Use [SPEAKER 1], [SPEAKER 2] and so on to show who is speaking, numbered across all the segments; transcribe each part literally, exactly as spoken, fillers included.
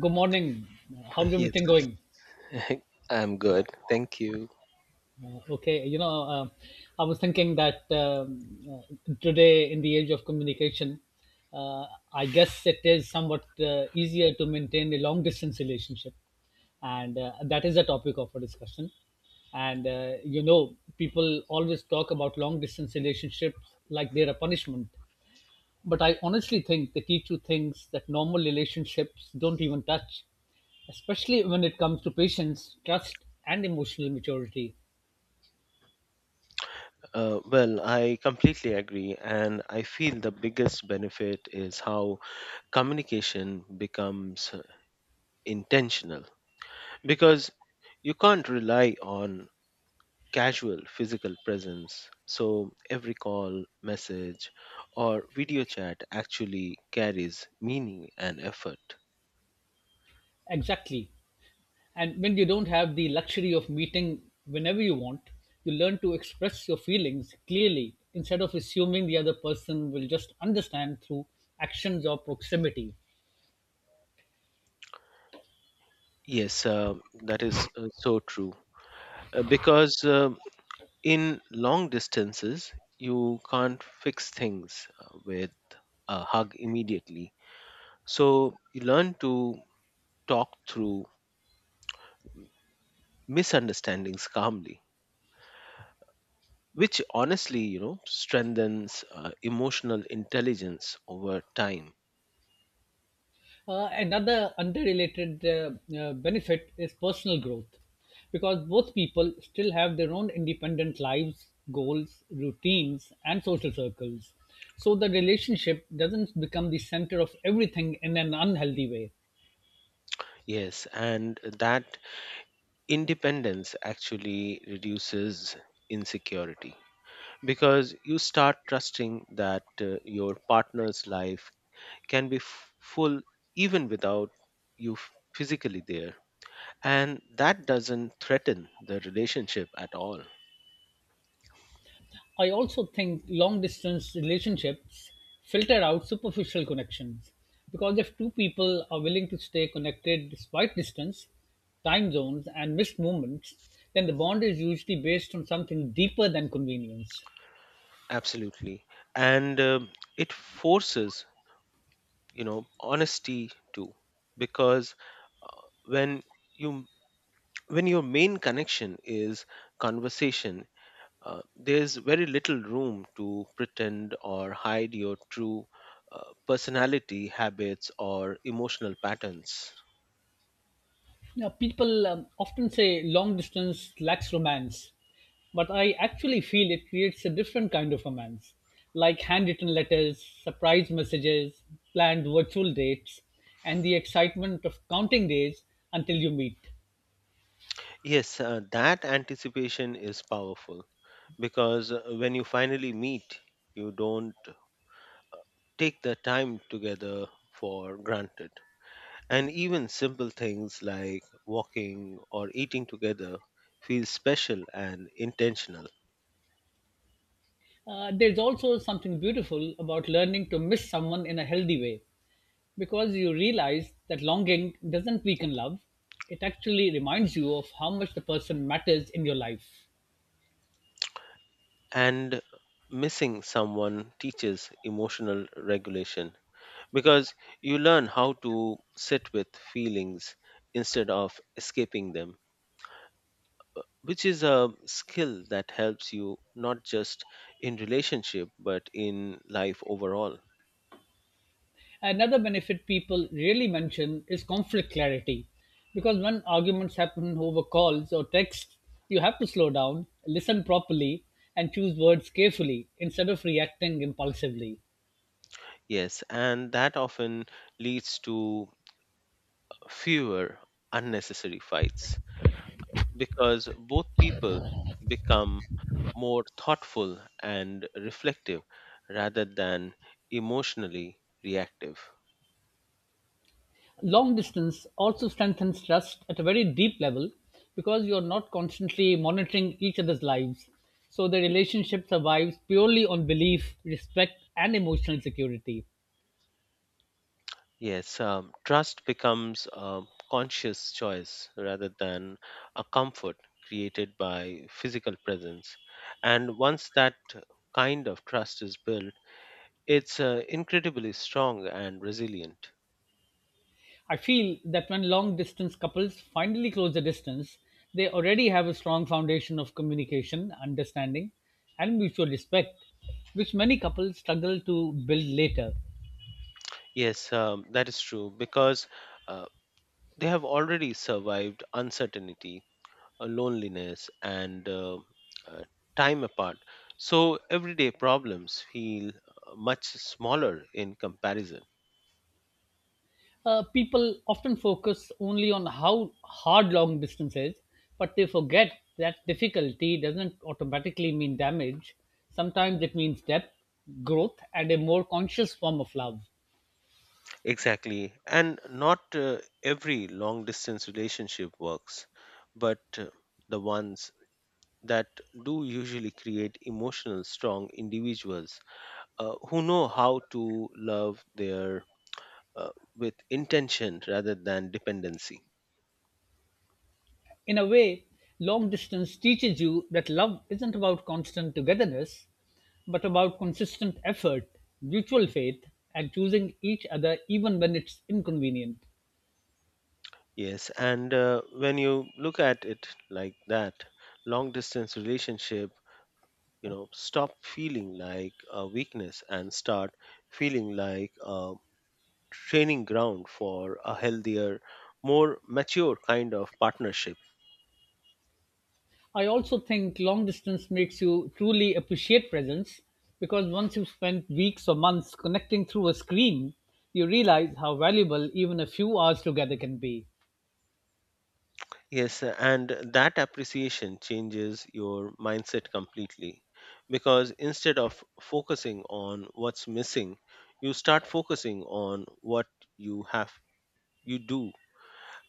[SPEAKER 1] Good morning. How's
[SPEAKER 2] Yes,
[SPEAKER 1] everything going?
[SPEAKER 2] I'm good. Thank you.
[SPEAKER 1] Uh, okay, you know, uh, I was thinking that um, uh, today, in the age of communication, uh, I guess it is somewhat uh, easier to maintain a long distance relationship. And uh, That is a topic of our discussion. And, uh, you know, people always talk about long distance relationships like they're a punishment. But I honestly think they teach you things that normal relationships don't even touch, especially when it comes to patience, trust, and emotional maturity.
[SPEAKER 2] Uh, well, I completely agree, and I feel the biggest benefit is how communication becomes uh, intentional because you can't rely on casual physical presence. So every call, message, or video chat actually carries meaning and effort.
[SPEAKER 1] Exactly. And when you don't have the luxury of meeting whenever you want, you learn to express your feelings clearly instead of assuming the other person will just understand through actions or proximity.
[SPEAKER 2] Yes, uh, that is uh, so true. Uh, because uh, in long distances you can't fix things uh, with a hug immediately, so you learn to talk through misunderstandings calmly, which honestly, you know strengthens uh, emotional intelligence over time.
[SPEAKER 1] Uh, another unrelated uh, uh, benefit is personal growth because both people still have their own independent lives, goals, routines, and social circles. So the relationship doesn't become the center of everything in an unhealthy way.
[SPEAKER 2] Yes, and that independence actually reduces insecurity because you start trusting that uh, your partner's life can be f- full even without you f- physically there. And that doesn't threaten the relationship at all.
[SPEAKER 1] I also think long distance relationships filter out superficial connections because if two people are willing to stay connected despite distance, time zones, and missed moments, then the bond is usually based on something deeper than convenience.
[SPEAKER 2] Absolutely. And um, it forces, you know, honesty too, because uh, when you when your main connection is conversation, uh, there's very little room to pretend or hide your true uh, personality, habits, or emotional patterns.
[SPEAKER 1] Now, people um, often say long distance lacks romance, but I actually feel it creates a different kind of romance, like handwritten letters, surprise messages, planned virtual dates, and the excitement of counting days until you meet.
[SPEAKER 2] Yes, uh, that anticipation is powerful because uh, when you finally meet, you don't take the time together for granted. And even simple things like walking or eating together feel special and intentional.
[SPEAKER 1] Uh, there's also something beautiful about learning to miss someone in a healthy way, because you realize that longing doesn't weaken love, it actually reminds you of how much the person matters in your life.
[SPEAKER 2] And missing someone teaches emotional regulation because you learn how to sit with feelings instead of escaping them, which is a skill that helps you not just in relationship but in life overall.
[SPEAKER 1] Another benefit people really mention is conflict clarity. Because when arguments happen over calls or texts, you have to slow down, listen properly, and choose words carefully instead of reacting impulsively.
[SPEAKER 2] Yes, and that often leads to fewer unnecessary fights because both people become more thoughtful and reflective rather than emotionally reactive.
[SPEAKER 1] Long distance also strengthens trust at a very deep level because you're not constantly monitoring each other's lives. So the relationship survives purely on belief, respect, and emotional security.
[SPEAKER 2] Yes, um, trust becomes a conscious choice rather than a comfort created by physical presence. And once that kind of trust is built, it's uh, incredibly strong and resilient.
[SPEAKER 1] I feel that when long distance couples finally close the distance, they already have a strong foundation of communication, understanding, and mutual respect, which many couples struggle to build later.
[SPEAKER 2] Yes, um, that is true because uh, they have already survived uncertainty, uh, loneliness, and uh, uh, time apart. So everyday problems feel uh, much smaller in comparison.
[SPEAKER 1] Uh, people often focus only on how hard long distance is, but they forget that difficulty doesn't automatically mean damage. Sometimes it means depth, growth, and a more conscious form of love.
[SPEAKER 2] Exactly. And not uh, every long distance relationship works, but uh, the ones that do usually create emotional, strong individuals uh, who know how to love their uh, with intention rather than dependency.
[SPEAKER 1] In a way, long distance teaches you that love isn't about constant togetherness, but about consistent effort, mutual faith, and choosing each other even when it's inconvenient.
[SPEAKER 2] Yes, and uh, when you look at it like that, long distance relationship, you know, stop feeling like a weakness and start feeling like a training ground for a healthier, more mature kind of partnership.
[SPEAKER 1] I also think long distance makes you truly appreciate presence because once you've spent weeks or months connecting through a screen, you realize how valuable even a few hours together can be.
[SPEAKER 2] Yes, and that appreciation changes your mindset completely because instead of focusing on what's missing, you start focusing on what you have, you do,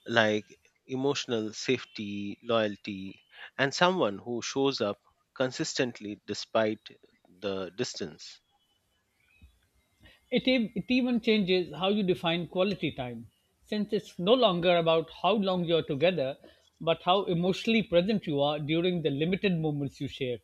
[SPEAKER 2] like emotional safety, loyalty, and someone who shows up consistently despite the distance.
[SPEAKER 1] It, ev- it even changes how you define quality time, since it's no longer about how long you're together, but how emotionally present you are during the limited moments you share.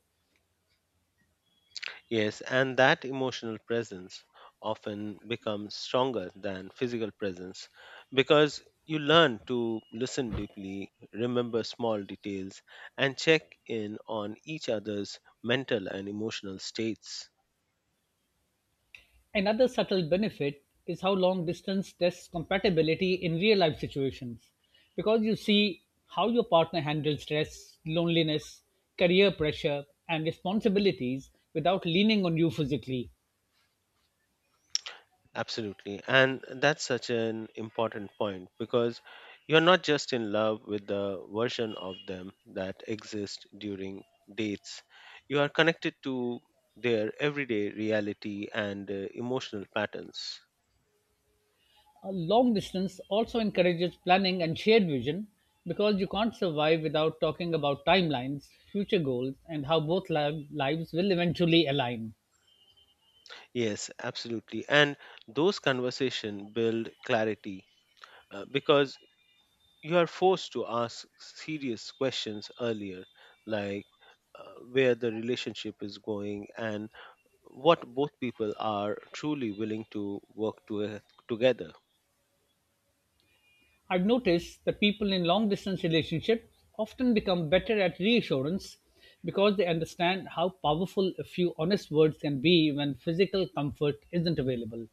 [SPEAKER 2] Yes, and that emotional presence often becomes stronger than physical presence because you learn to listen deeply, remember small details, and check in on each other's mental and emotional states.
[SPEAKER 1] Another subtle benefit is how long distance tests compatibility in real life situations, because you see how your partner handles stress, loneliness, career pressure, and responsibilities without leaning on you physically.
[SPEAKER 2] Absolutely. And that's such an important point because you're not just in love with the version of them that exists during dates. You are connected to their everyday reality and uh, emotional patterns.
[SPEAKER 1] Uh, long distance also encourages planning and shared vision because you can't survive without talking about timelines, future goals, and how both li- lives will eventually align.
[SPEAKER 2] Yes, absolutely. And those conversations build clarity uh, because you are forced to ask serious questions earlier, like uh, where the relationship is going and what both people are truly willing to work to, uh, together.
[SPEAKER 1] I've noticed that people in long distance relationships often become better at reassurance because they understand how powerful a few honest words can be when physical comfort isn't available.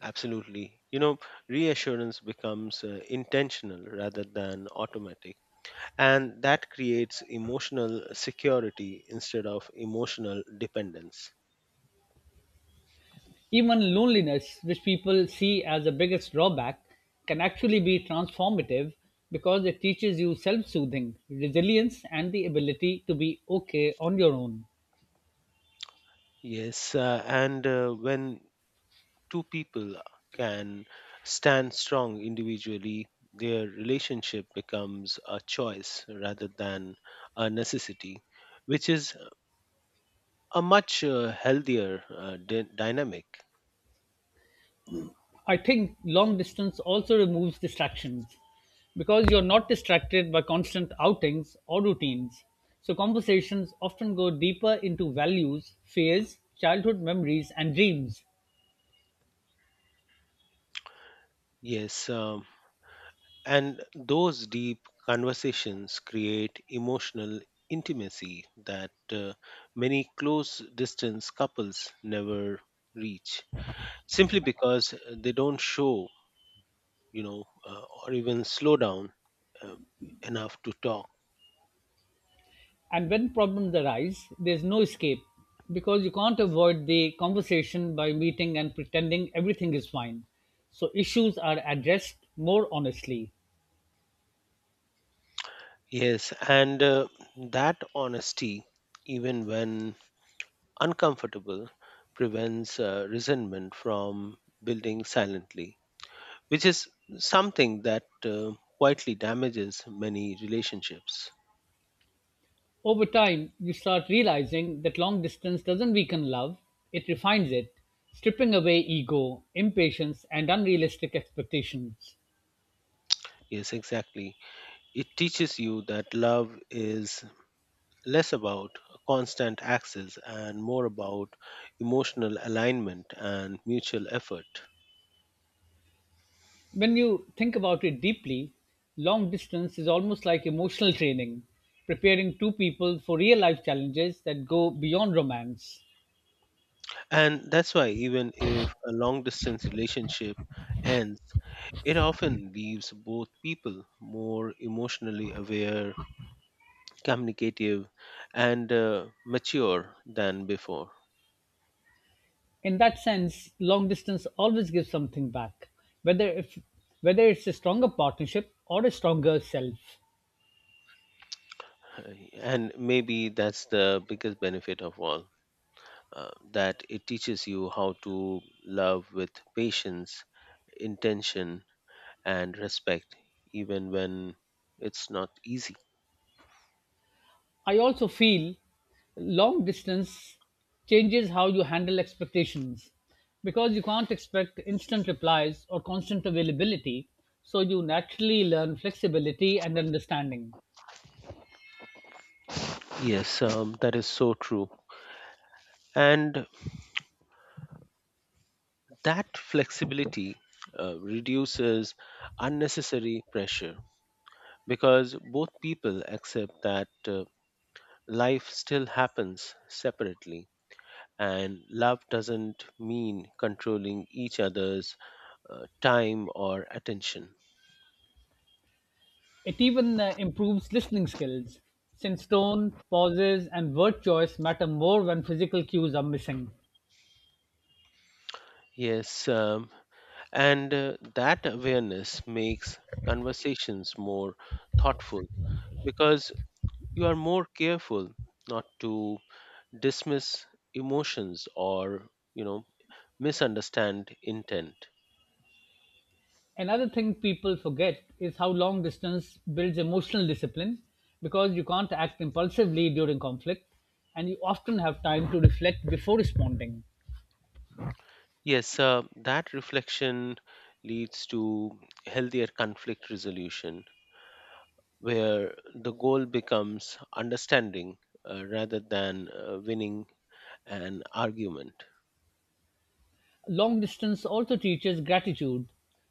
[SPEAKER 2] Absolutely. You know, reassurance becomes uh, intentional rather than automatic. And that creates emotional security instead of emotional dependence.
[SPEAKER 1] Even loneliness, which people see as the biggest drawback, can actually be transformative because it teaches you self soothing, resilience, and the ability to be okay on your own.
[SPEAKER 2] Yes, uh, and uh, when two people can stand strong individually, their relationship becomes a choice rather than a necessity, which is a much uh, healthier uh, dy- dynamic.
[SPEAKER 1] I think long distance also removes distractions because you're not distracted by constant outings or routines. So, conversations often go deeper into values, fears, childhood memories, and dreams.
[SPEAKER 2] Yes, um, and those deep conversations create emotional intimacy that uh, many close distance couples never reach simply because they don't show, you know, uh, or even slow down uh, enough to talk.
[SPEAKER 1] And when problems arise, there's no escape because you can't avoid the conversation by meeting and pretending everything is fine. So issues are addressed more honestly.
[SPEAKER 2] Yes, and uh, that honesty, even when uncomfortable, prevents uh, resentment from building silently, which is something that uh, quietly damages many relationships.
[SPEAKER 1] Over time, you start realizing that long distance doesn't weaken love, it refines it, stripping away ego, impatience, and unrealistic expectations.
[SPEAKER 2] Yes, exactly. It teaches you that love is less about constant access and more about emotional alignment and mutual effort.
[SPEAKER 1] When you think about it deeply, long distance is almost like emotional training, preparing two people for real life challenges that go beyond romance.
[SPEAKER 2] And that's why, even if a long distance relationship ends, it often leaves both people more emotionally aware, communicative, and uh, mature than before.
[SPEAKER 1] In that sense, long distance always gives something back, whether if whether it's a stronger partnership or a stronger self.
[SPEAKER 2] Uh, and maybe that's the biggest benefit of all, uh, that it teaches you how to love with patience, intention, and respect even when it's not easy.
[SPEAKER 1] I also feel long distance changes how you handle expectations because you can't expect instant replies or constant availability, so you naturally learn flexibility and understanding.
[SPEAKER 2] Yes, um, that is so true, and that flexibility uh, reduces unnecessary pressure because both people accept that uh, life still happens separately, and love doesn't mean controlling each other's uh, time or attention.
[SPEAKER 1] It even uh, improves listening skills since tone, pauses, and word choice matter more when physical cues are missing.
[SPEAKER 2] Yes, um, and uh, that awareness makes conversations more thoughtful because you are more careful not to dismiss emotions or, you know, misunderstand intent.
[SPEAKER 1] Another thing people forget is how long distance builds emotional discipline because you can't act impulsively during conflict and you often have time to reflect before responding.
[SPEAKER 2] Yes, uh, that reflection leads to healthier conflict resolution where the goal becomes understanding uh, rather than uh, winning an argument.
[SPEAKER 1] Long distance also teaches gratitude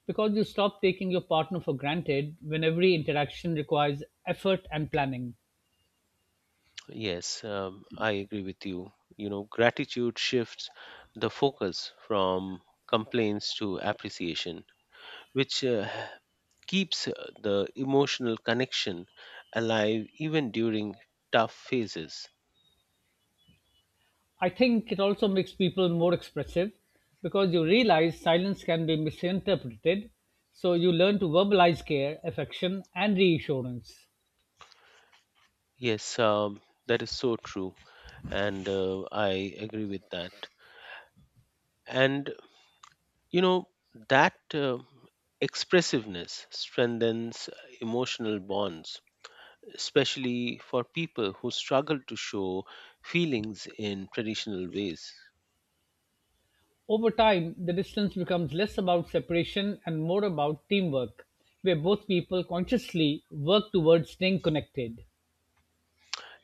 [SPEAKER 1] because you stop taking your partner for granted when every interaction requires effort and planning.
[SPEAKER 2] Yes, um, I agree with you. You know, gratitude shifts the focus from complaints to appreciation, which uh, keeps uh, the emotional connection alive even during tough phases.
[SPEAKER 1] I think it also makes people more expressive because you realize silence can be misinterpreted, so you learn to verbalize care, affection, and reassurance.
[SPEAKER 2] Yes, um, that is so true, and uh, I agree with that. And you know, that uh, expressiveness strengthens uh, emotional bonds, especially for people who struggle to show feelings in traditional ways.
[SPEAKER 1] Over time, the distance becomes less about separation and more about teamwork, where both people consciously work towards staying connected.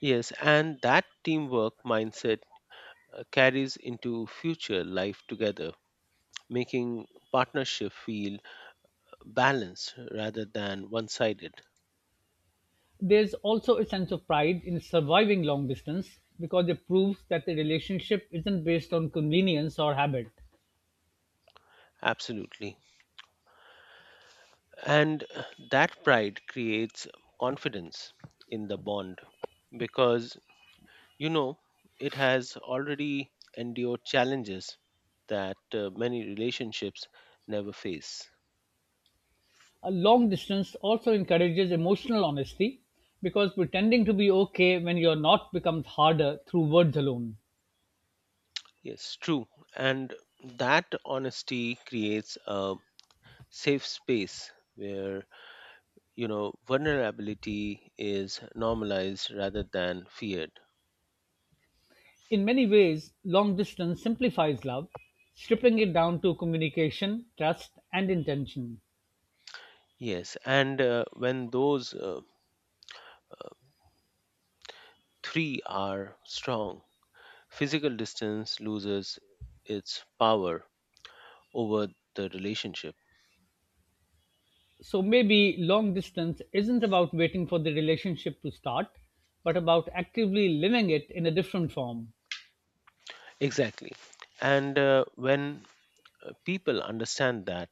[SPEAKER 2] Yes, and that teamwork mindset uh, carries into future life together, making partnership feel balanced rather than one sided.
[SPEAKER 1] There's also a sense of pride in surviving long distance because it proves that the relationship isn't based on convenience or habit.
[SPEAKER 2] Absolutely. And uh, that pride creates confidence in the bond because, you know, it has already endured challenges that uh, many relationships never face.
[SPEAKER 1] A long distance also encourages emotional honesty because pretending to be okay when you're not becomes harder through words alone.
[SPEAKER 2] Yes, true. And that honesty creates a safe space where, you know, vulnerability is normalized rather than feared.
[SPEAKER 1] In many ways, long distance simplifies love, stripping it down to communication, trust, and intention.
[SPEAKER 2] Yes, and uh, when those uh, three are strong, physical distance loses its power over the relationship.
[SPEAKER 1] So maybe long distance isn't about waiting for the relationship to start, but about actively living it in a different form.
[SPEAKER 2] Exactly. And uh, when uh, people understand that,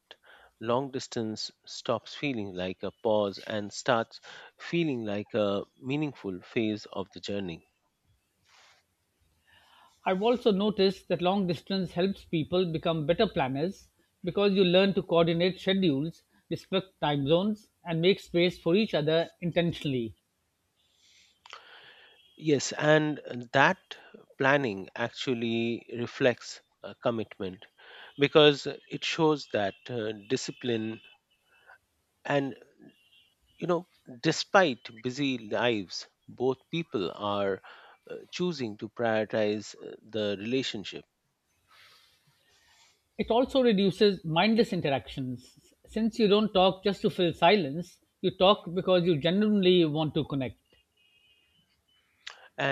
[SPEAKER 2] long distance stops feeling like a pause and starts feeling like a meaningful phase of the journey.
[SPEAKER 1] I've also noticed that long distance helps people become better planners because you learn to coordinate schedules, respect time zones, and make space for each other intentionally.
[SPEAKER 2] Yes, and that planning actually reflects a commitment because it shows that uh, discipline and, you know, despite busy lives, both people are uh, choosing to prioritize uh, the relationship.
[SPEAKER 1] It also reduces mindless interactions. Since you don't talk just to fill silence, you talk because you genuinely want to connect.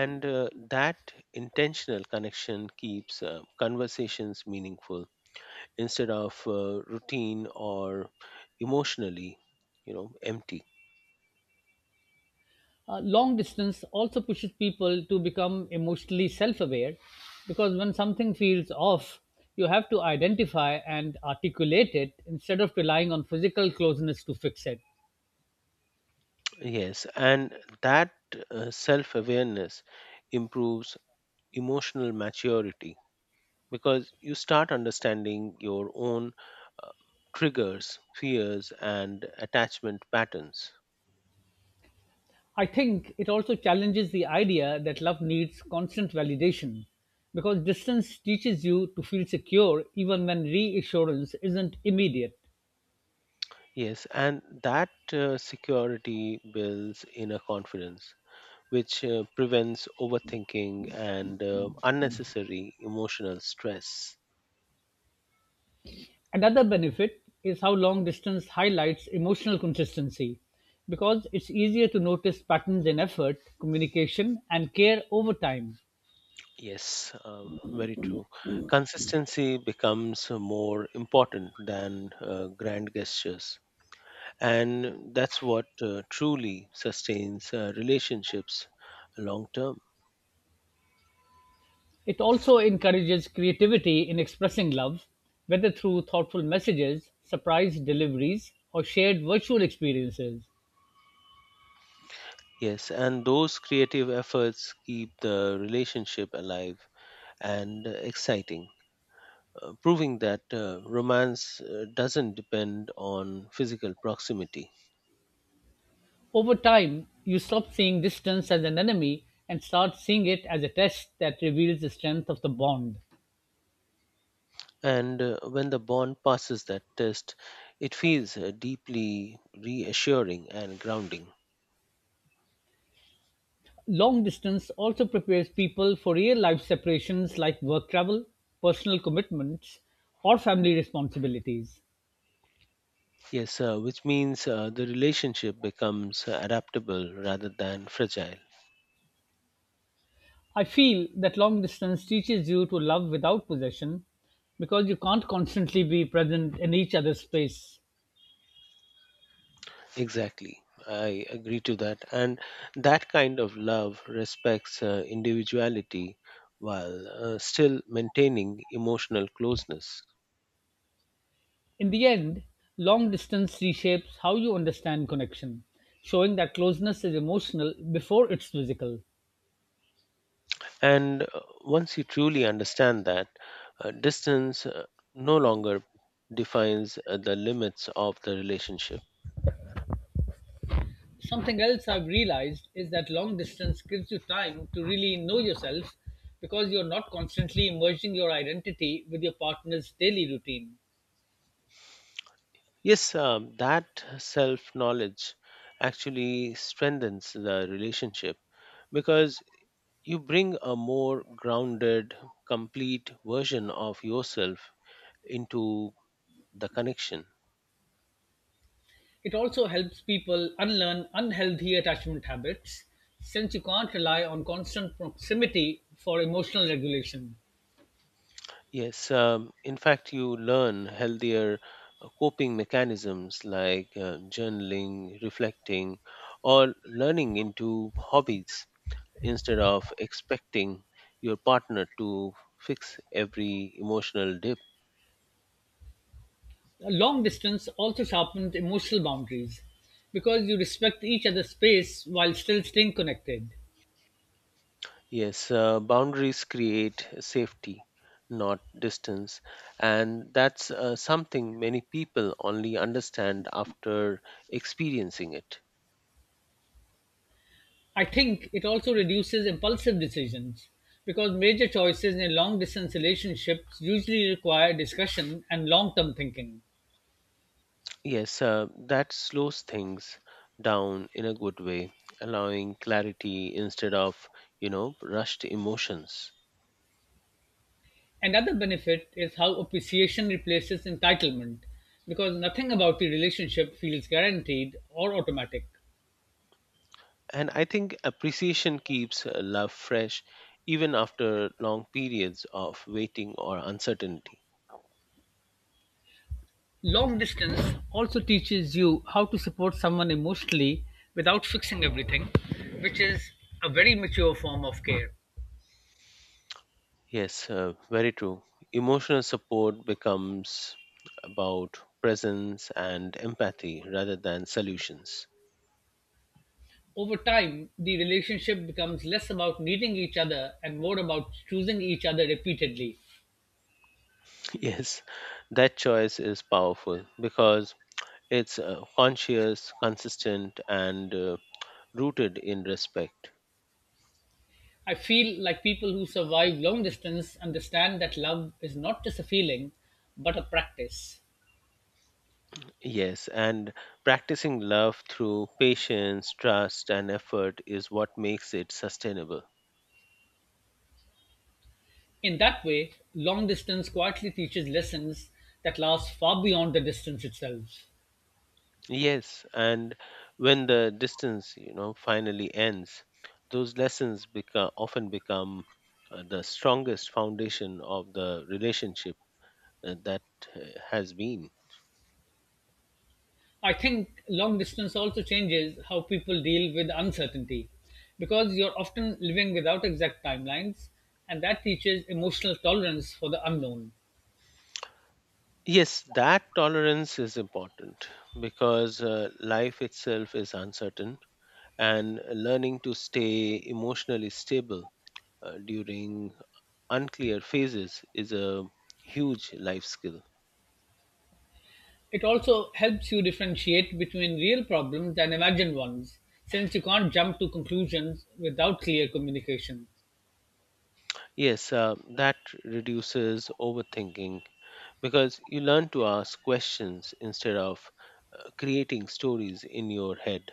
[SPEAKER 2] And uh, that intentional connection keeps uh, conversations meaningful instead of uh, routine or emotionally, you know, empty.
[SPEAKER 1] Uh, long distance also pushes people to become emotionally self aware because when something feels off, you have to identify and articulate it instead of relying on physical closeness to fix it.
[SPEAKER 2] Yes, and that uh, self-awareness improves emotional maturity because you start understanding your own uh, triggers, fears, and attachment patterns.
[SPEAKER 1] I think it also challenges the idea that love needs constant validation because distance teaches you to feel secure even when reassurance isn't immediate.
[SPEAKER 2] Yes, and that uh, security builds inner confidence which uh, prevents overthinking and uh, unnecessary emotional stress.
[SPEAKER 1] Another benefit is how long distance highlights emotional consistency because it's easier to notice patterns in effort, communication, and care over time.
[SPEAKER 2] Yes, uh, very true. Consistency becomes more important than uh, grand gestures. And that's what uh, truly sustains uh, relationships long term.
[SPEAKER 1] It also encourages creativity in expressing love, whether through thoughtful messages, surprise deliveries, or shared virtual experiences.
[SPEAKER 2] Yes, and those creative efforts keep the relationship alive and uh, exciting, uh, proving that uh, romance uh, doesn't depend on physical proximity.
[SPEAKER 1] Over time, you stop seeing distance as an enemy and start seeing it as a test that reveals the strength of the bond.
[SPEAKER 2] And uh, when the bond passes that test, it feels uh, deeply reassuring and grounding.
[SPEAKER 1] Long distance also prepares people for real life separations like work travel, personal commitments, or family responsibilities.
[SPEAKER 2] Yes, uh, which means uh, the relationship becomes uh, adaptable rather than fragile.
[SPEAKER 1] I feel that long distance teaches you to love without possession because you can't constantly be present in each other's space.
[SPEAKER 2] Exactly. I agree to that. And that kind of love respects uh, individuality while uh, still maintaining emotional closeness.
[SPEAKER 1] In the end, long distance reshapes how you understand connection, showing that closeness is emotional before it's physical.
[SPEAKER 2] And uh, once you truly understand that, uh, distance uh, no longer defines uh, the limits of the relationship.
[SPEAKER 1] Something else I've realized is that long distance gives you time to really know yourself because you're not constantly merging your identity with your partner's daily routine.
[SPEAKER 2] Yes, um, that self knowledge actually strengthens the relationship because you bring a more grounded, complete version of yourself into the connection.
[SPEAKER 1] It also helps people unlearn unhealthy attachment habits since you can't rely on constant proximity for emotional regulation.
[SPEAKER 2] Yes, um, in fact, you learn healthier uh, coping mechanisms like uh, journaling, reflecting, or learning into hobbies instead of expecting your partner to fix every emotional dip.
[SPEAKER 1] Long distance also sharpens emotional boundaries because you respect each other's space while still staying connected.
[SPEAKER 2] Yes, uh, boundaries create safety, not distance. And that's uh, something many people only understand after experiencing it.
[SPEAKER 1] I think it also reduces impulsive decisions because major choices in a long distance relationships usually require discussion and long term thinking.
[SPEAKER 2] Yes, uh, that slows things down in a good way, allowing clarity instead of, you know, rushed emotions.
[SPEAKER 1] Another benefit is how appreciation replaces entitlement because nothing about the relationship feels guaranteed or automatic.
[SPEAKER 2] And I think appreciation keeps uh, love fresh even after long periods of waiting or uncertainty.
[SPEAKER 1] Long distance also teaches you how to support someone emotionally without fixing everything, which is a very mature form of care.
[SPEAKER 2] Yes, uh, very true. Emotional support becomes about presence and empathy rather than solutions.
[SPEAKER 1] Over time, the relationship becomes less about needing each other and more about choosing each other repeatedly.
[SPEAKER 2] Yes, that choice is powerful because it's uh, conscious, consistent, and uh, rooted in respect.
[SPEAKER 1] I feel like people who survive long distance understand that love is not just a feeling, but a practice.
[SPEAKER 2] Yes, and practicing love through patience, trust, and effort is what makes it sustainable.
[SPEAKER 1] In that way, long distance quietly teaches lessons that last far beyond the distance itself.
[SPEAKER 2] Yes, and when the distance, you know, finally ends, those lessons become often become uh, the strongest foundation of the relationship uh, that uh, has been.
[SPEAKER 1] I think long distance also changes how people deal with uncertainty because you're often living without exact timelines, and that teaches emotional tolerance for the unknown.
[SPEAKER 2] Yes, that tolerance is important because uh, life itself is uncertain, and learning to stay emotionally stable uh, during unclear phases is a huge life skill.
[SPEAKER 1] It also helps you differentiate between real problems and imagined ones, since you can't jump to conclusions without clear communication.
[SPEAKER 2] Yes, uh, that reduces overthinking because you learn to ask questions instead of uh, creating stories in your head.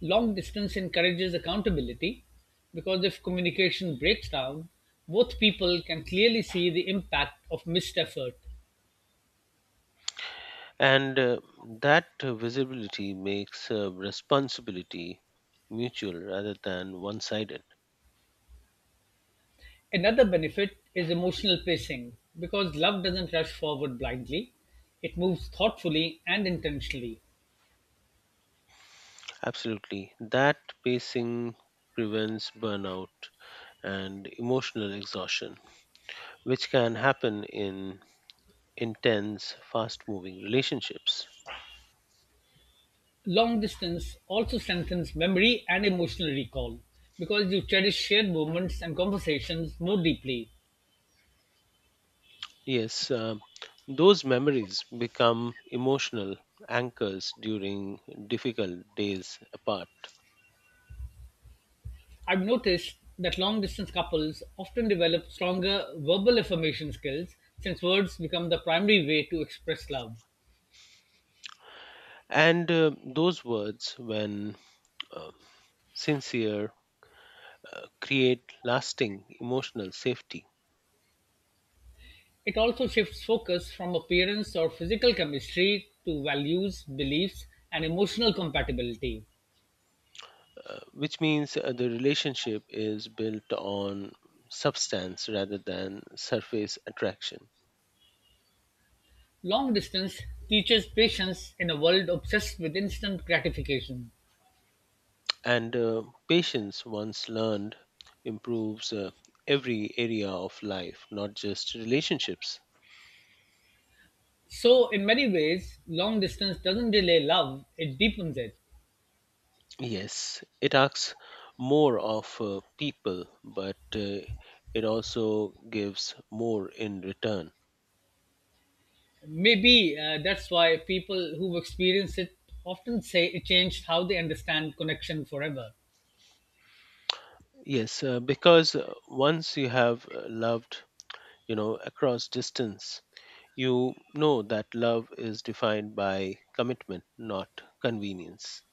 [SPEAKER 1] Long distance encourages accountability because if communication breaks down, both people can clearly see the impact of missed effort.
[SPEAKER 2] And uh, that visibility makes uh, responsibility mutual rather than one sided.
[SPEAKER 1] Another benefit is emotional pacing. Because love doesn't rush forward blindly, it moves thoughtfully and intentionally.
[SPEAKER 2] Absolutely. That pacing prevents burnout and emotional exhaustion, which can happen in intense, fast moving relationships.
[SPEAKER 1] Long distance also strengthens memory and emotional recall because you cherish shared moments and conversations more deeply.
[SPEAKER 2] Yes, uh, those memories become emotional anchors during difficult days apart.
[SPEAKER 1] I've noticed that long distance couples often develop stronger verbal affirmation skills since words become the primary way to express love.
[SPEAKER 2] And uh, those words, when uh, sincere, uh, create lasting emotional safety,
[SPEAKER 1] It also shifts focus from appearance or physical chemistry to values, beliefs, and emotional compatibility.
[SPEAKER 2] uh, which means uh, the relationship is built on substance rather than surface attraction.
[SPEAKER 1] Long distance teaches patience in a world obsessed with instant gratification.
[SPEAKER 2] And uh, patience, once learned, improves uh, every area of life, not just relationships.
[SPEAKER 1] So, in many ways, long distance doesn't delay love, it deepens it.
[SPEAKER 2] Yes, it asks more of uh, people, but uh, it also gives more in return.
[SPEAKER 1] Maybe uh, that's why people who've experienced it often say it changed how they understand connection forever.
[SPEAKER 2] Yes, uh, because uh, once you have uh, loved, you know, across distance, you know that love is defined by commitment, not convenience.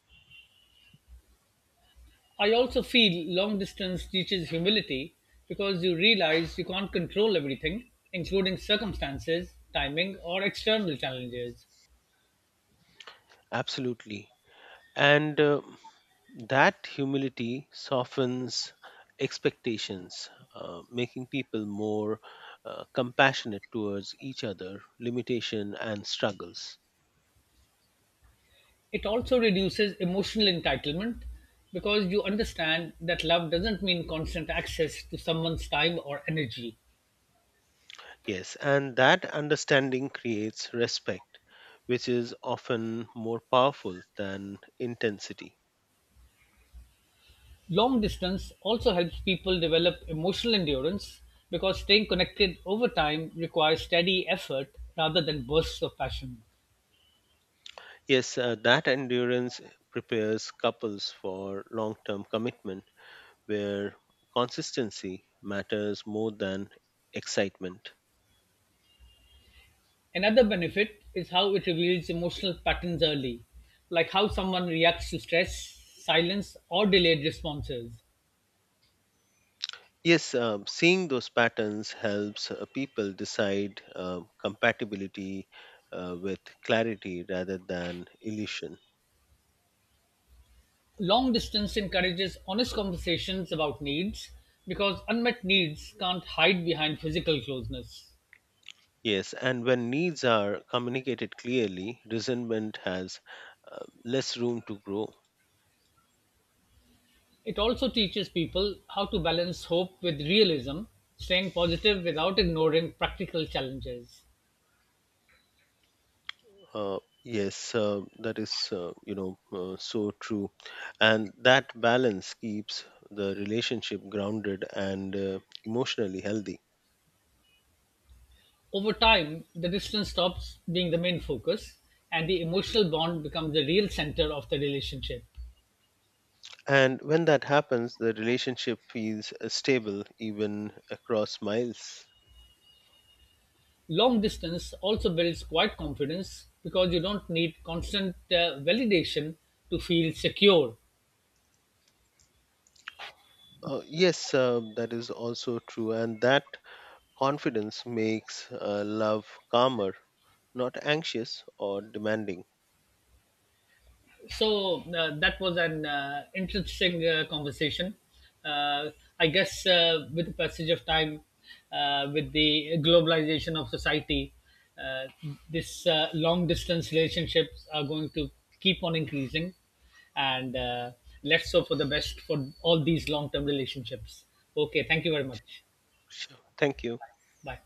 [SPEAKER 1] I also feel long distance teaches humility because you realize you can't control everything, including circumstances, timing, or external challenges.
[SPEAKER 2] Absolutely. And uh, That humility softens expectations, uh, making people more uh, compassionate towards each other, limitation, and struggles.
[SPEAKER 1] It also reduces emotional entitlement because you understand that love doesn't mean constant access to someone's time or energy.
[SPEAKER 2] Yes, and that understanding creates respect, which is often more powerful than intensity.
[SPEAKER 1] Long distance also helps people develop emotional endurance because staying connected over time requires steady effort rather than bursts of passion.
[SPEAKER 2] Yes, uh, that endurance prepares couples for long term commitment where consistency matters more than excitement.
[SPEAKER 1] Another benefit is how it reveals emotional patterns early, like how someone reacts to stress, silence, or delayed responses.
[SPEAKER 2] Yes, um, seeing those patterns helps uh, people decide um, compatibility uh, with clarity rather than illusion.
[SPEAKER 1] Long distance encourages honest conversations about needs because unmet needs can't hide behind physical closeness.
[SPEAKER 2] Yes, and when needs are communicated clearly, resentment has uh, less room to grow.
[SPEAKER 1] It also teaches people how to balance hope with realism, staying positive without ignoring practical challenges.
[SPEAKER 2] Uh, yes, uh, that is, uh, you know, uh, so true. And that balance keeps the relationship grounded and uh, emotionally healthy.
[SPEAKER 1] Over time, the distance stops being the main focus and the emotional bond becomes the real center of the relationship.
[SPEAKER 2] And when that happens, the relationship feels uh, stable even across miles.
[SPEAKER 1] Long distance also builds quiet confidence because you don't need constant uh, validation to feel secure.
[SPEAKER 2] Uh, yes, uh, that is also true. And that confidence makes uh, love calmer, not anxious or demanding.
[SPEAKER 1] So uh, that was an uh, interesting uh, conversation. Uh, I guess uh, with the passage of time, uh, with the globalization of society, uh, this uh, long distance relationships are going to keep on increasing and uh, let's hope for the best for all these long term relationships. Okay, thank you very much.
[SPEAKER 2] Sure. Thank you.
[SPEAKER 1] Bye.